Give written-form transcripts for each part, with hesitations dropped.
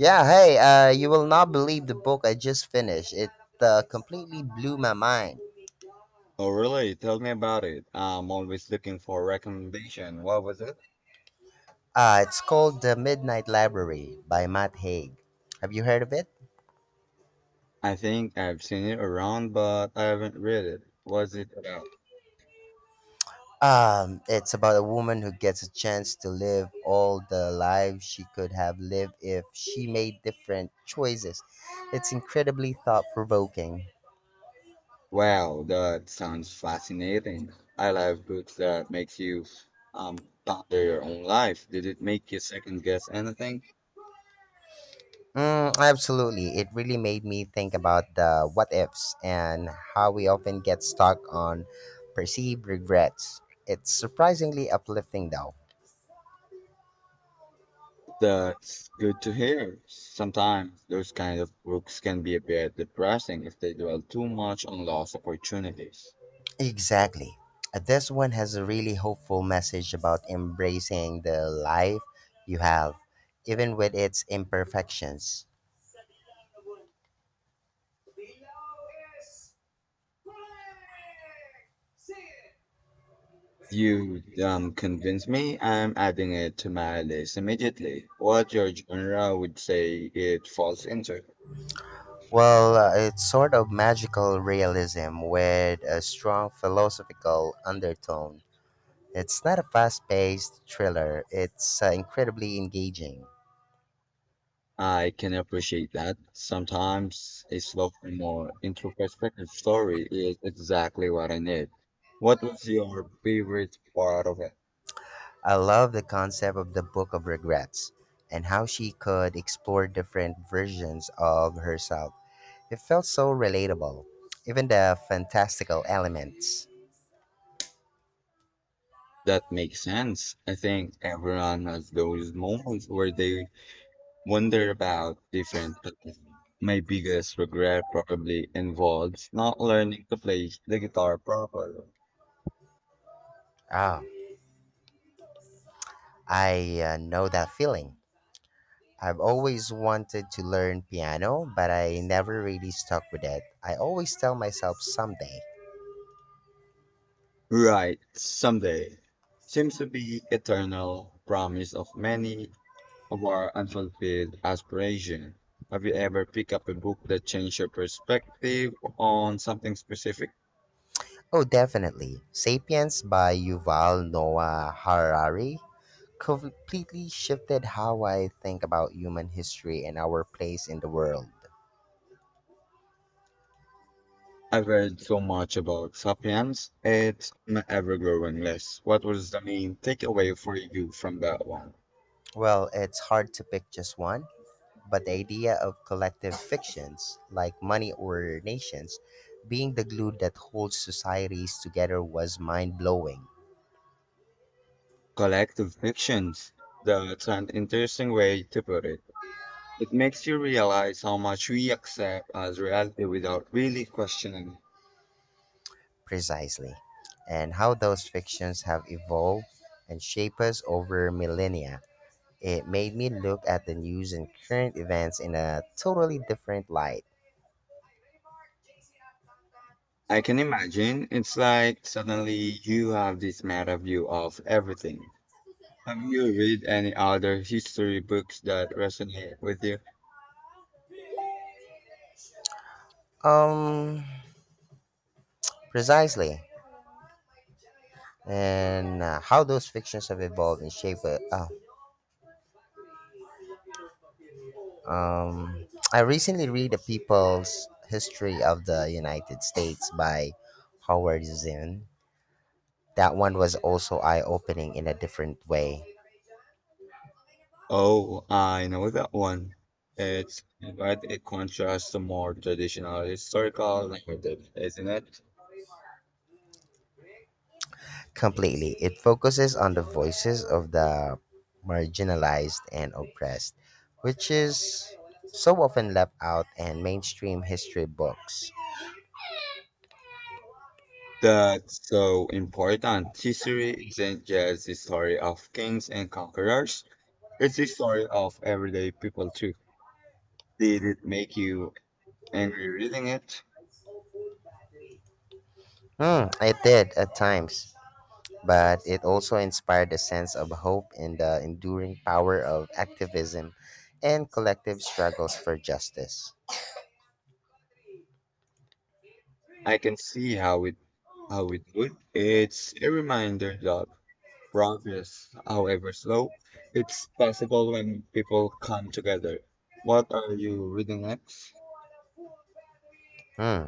Yeah, hey, you will not believe the book I just finished. It completely blew my mind. Oh, really? Tell me about it. I'm always looking for a recommendation. What was it? It's called The Midnight Library by Matt Haig. Have you heard of it? I think I've seen it around, but I haven't read it. Was it about? It's about a woman who gets a chance to live all the lives she could have lived if she made different choices. It's incredibly thought provoking. Wow, that sounds fascinating. I love books that makes you ponder your own life. Did it make you second guess anything? Mm, absolutely. It really made me think about the what ifs and how we often get stuck on perceived regrets. It's surprisingly uplifting, though. That's good to hear. Sometimes those kind of books can be a bit depressing if they dwell too much on lost opportunities. Exactly. This one has a really hopeful message about embracing the life you have, even with its imperfections. You convinced me. I'm adding it to my list immediately. What your genre would say it falls into. Well, it's sort of magical realism with a strong philosophical undertone. It's not a fast paced thriller, it's incredibly engaging. I can appreciate that. Sometimes a slow, more introspective story is exactly what I need. What was your favorite part of it? I love the concept of the Book of Regrets and how she could explore different versions of herself. It felt so relatable, even the fantastical elements. That makes sense. I think everyone has those moments where they wonder about different things. My biggest regret probably involves not learning to play the guitar properly. Ah, I know that feeling. I've always wanted to learn piano, but I never really stuck with it. I always tell myself someday. Right, someday. Seems to be eternal promise of many of our unfulfilled aspirations. Have you ever picked up a book that changed your perspective on something specific? Oh, definitely. Sapiens by Yuval Noah Harari completely shifted how I think about human history and our place in the world. I've read so much about Sapiens. It's an ever-growing list. What was the main takeaway for you from that one? Well, it's hard to pick just one, but the idea of collective fictions, like money or nations, being the glue that holds societies together was mind blowing. Collective fictions. That's an interesting way to put it. It makes you realize how much we accept as reality without really questioning it. Precisely. And how those fictions have evolved and shaped us over millennia. It made me look at the news and current events in a totally different light. I can imagine, it's like suddenly you have this meta view of everything. Have you read any other history books that resonate with you? Um, Precisely. And how those fictions have evolved and shaped it. Oh, um, I recently read The People's History of the United States by Howard Zinn. That one was also eye opening in a different way. Oh, I know that one. It's quite a contrast to more traditional historical narrative, isn't it? Completely. It focuses on the voices of the marginalized and oppressed, which is so often left out in mainstream history books. That's so important. History isn't just the story of kings and conquerors, it's the story of everyday people too. Did it make you angry reading it? Hmm, it did at times, but it also inspired a sense of hope in the enduring power of activism and collective struggles for justice. I can see how it would. It's a reminder that progress, however slow, it's possible when people come together. What are you reading next? Hmm,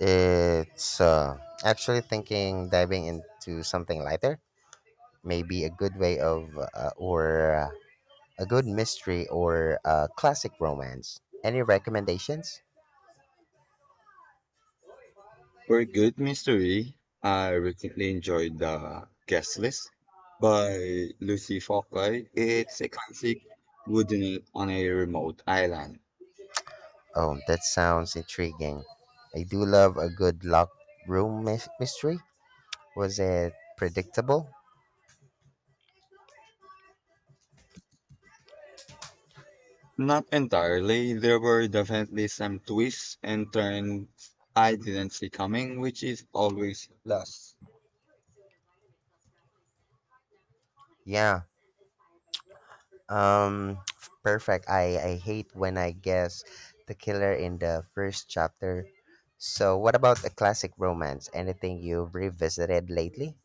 it's actually thinking diving into something lighter may be a good way of or a good mystery or a classic romance. Any recommendations? For Good Mystery, I recently enjoyed The Guest List by Lucy Focke. It's a classic wooden on a remote island. Oh, that sounds intriguing. I do love a good locked room mystery. Was it predictable? Not entirely, there were definitely some twists and turns I didn't see coming, which is always a plus. Yeah. Um Perfect. I hate when I guess the killer in the first chapter. So, what about a classic romance? Anything you've revisited lately?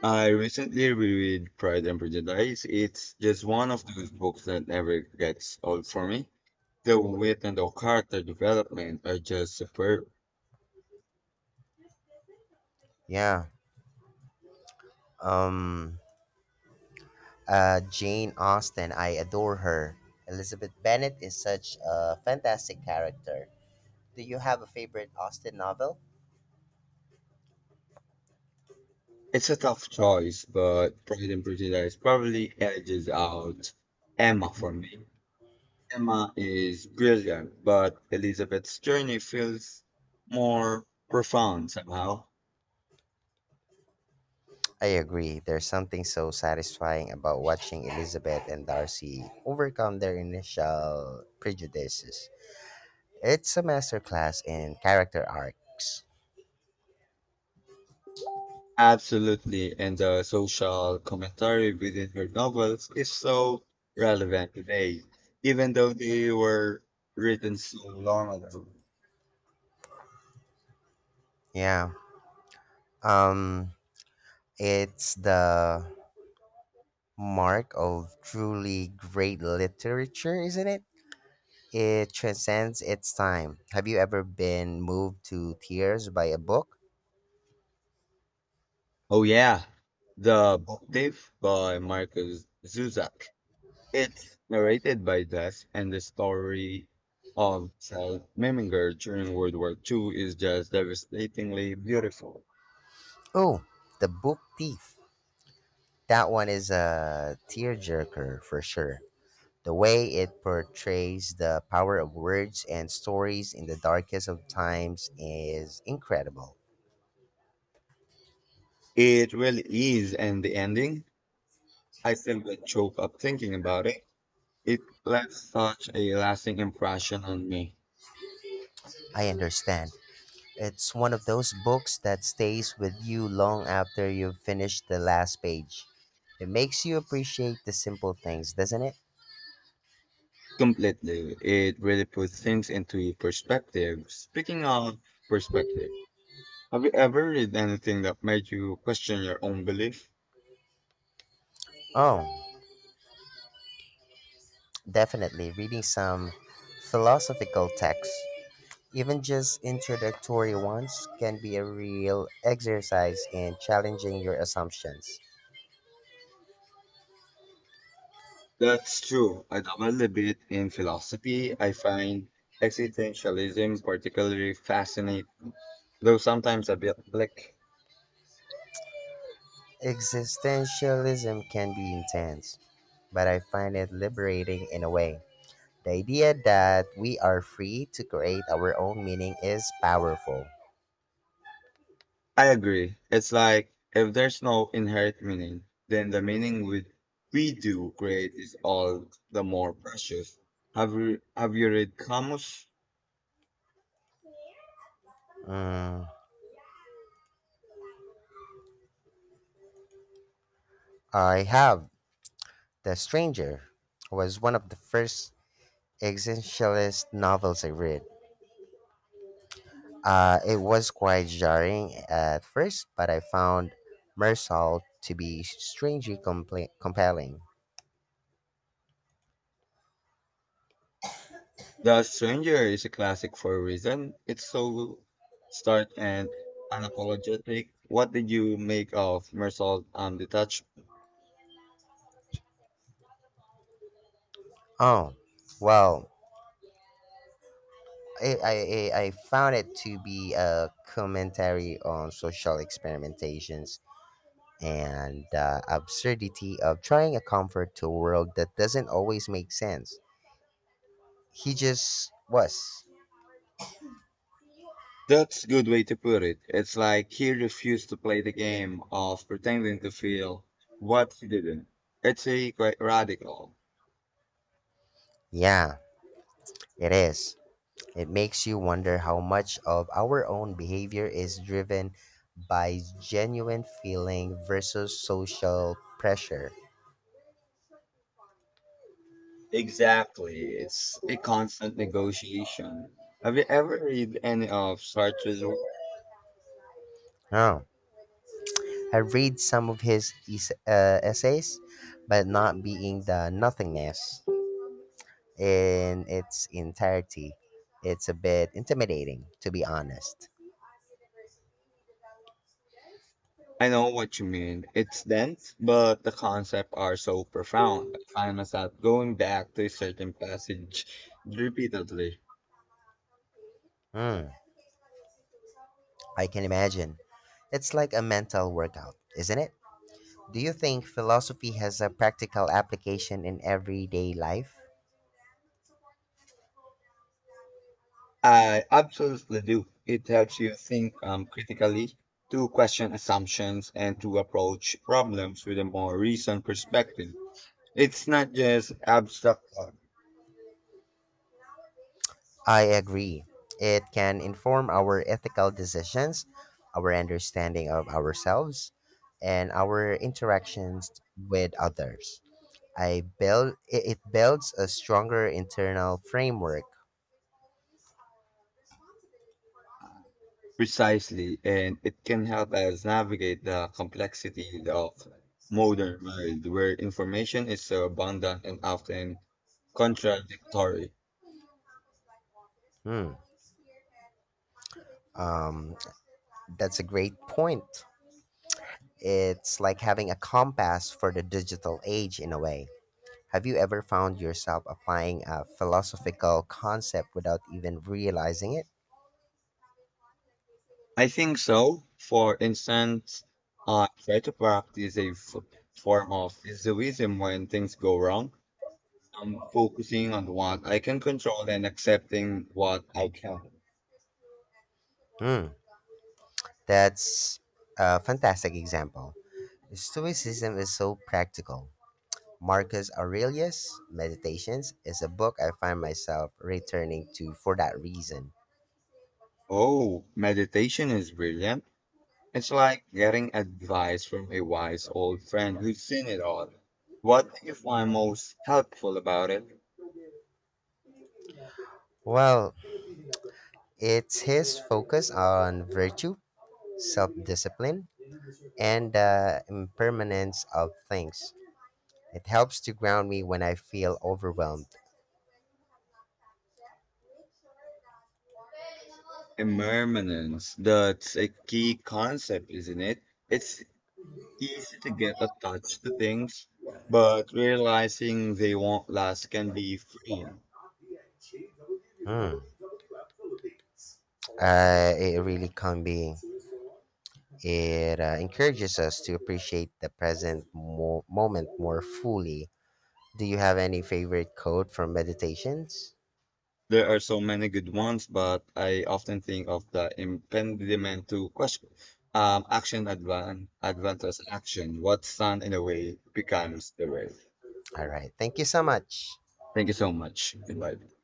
I recently reread Pride and Prejudice. It's just one of those books that never gets old for me. The wit and the character development are just superb. Yeah. Um Jane Austen, I adore her. Elizabeth Bennet is such a fantastic character. Do you have a favorite Austen novel? It's a tough choice, but Pride and Prejudice probably edges out Emma for me. Emma is brilliant, but Elizabeth's journey feels more profound somehow. I agree. There's something so satisfying about watching Elizabeth and Darcy overcome their initial prejudices. It's a masterclass in character arcs. Absolutely, and the social commentary within her novels is so relevant today, even though they were written so long ago. Yeah. Um it's the mark of truly great literature, isn't it? It transcends its time. Have you ever been moved to tears by a book? Oh yeah, The Book Thief by Marcus Zuzak. It's narrated by Des, and the story of South Meminger during World War II is just devastatingly beautiful. Oh, The Book Thief. That one is a tearjerker for sure. The way it portrays the power of words and stories in the darkest of times is incredible. It really is, and the ending, I still get choked up thinking about it. It left such a lasting impression on me. I understand. It's one of those books that stays with you long after you've finished the last page. It makes you appreciate the simple things, doesn't it? Completely. It really puts things into perspective. Speaking of perspective, have you ever read anything that made you question your own belief? Oh, definitely reading some philosophical texts, even just introductory ones, can be a real exercise in challenging your assumptions. That's true. I dabble a bit in philosophy. I find existentialism particularly fascinating, though sometimes a bit like, Existentialism can be intense, but I find it liberating in a way. The idea that we are free to create our own meaning is powerful. I agree. It's like if there's no inherent meaning, then the meaning we do create is all the more precious. Have you read Camus? Mm, I have. The Stranger was one of the first existentialist novels I read. It was quite jarring at first, but I found Mersal to be strangely compelling. The Stranger is a classic for a reason. It's so stark and unapologetic. What did you make of Marcel Detachment? Oh, well, I, I, I found it to be a commentary on social experimentations and the absurdity of trying a comfort to a world that doesn't always make sense. He just was. That's a good way to put it. It's like he refused to play the game of pretending to feel what he didn't. It's a quite radical. Yeah, it is. It makes you wonder how much of our own behavior is driven by genuine feeling versus social pressure. Exactly. It's a constant negotiation. Have you ever read any of Sartre's work? Oh, I read some of his essays, but not being the nothingness in its entirety. It's a bit intimidating, to be honest. I know what you mean. It's dense, but the concepts are so profound. I find myself going back to a certain passage repeatedly. Hmm, I can imagine. It's like a mental workout, isn't it? Do you think philosophy has a practical application in everyday life? I absolutely do. It helps you think, critically, to question assumptions, and to approach problems with a more recent perspective. It's not just abstract thought, I agree. It can inform our ethical decisions, our understanding of ourselves, and our interactions with others. I build it builds a stronger internal framework. precisely, and it can help us navigate the complexity of modern world where information is so abundant and often contradictory. Hmm. Um, that's a great point. It's like having a compass for the digital age in a way. Have you ever found yourself applying a philosophical concept without even realizing it? I think so. For instance, I try to practice a form of egoism when things go wrong. I'm focusing on what I can control and accepting what I can. Hmm. That's a fantastic example. Stoicism is so practical. Marcus Aurelius' Meditations is a book I find myself returning to for that reason. Oh, meditation is brilliant. It's like getting advice from a wise old friend who's seen it all. What do you find most helpful about it? Well, it's his focus on virtue, self discipline, and the impermanence of things. It helps to ground me when I feel overwhelmed. Impermanence. That's a key concept, isn't it? It's easy to get attached to things, but realizing they won't last can be freeing. Hmm. It really can be. It encourages us to appreciate the present moment more fully. Do you have any favorite quote from meditations? There are so many good ones, but I often think of the impediment to question. Action advances action. What stand in the way becomes the way. All right. Thank you so much. Thank you so much. Goodbye.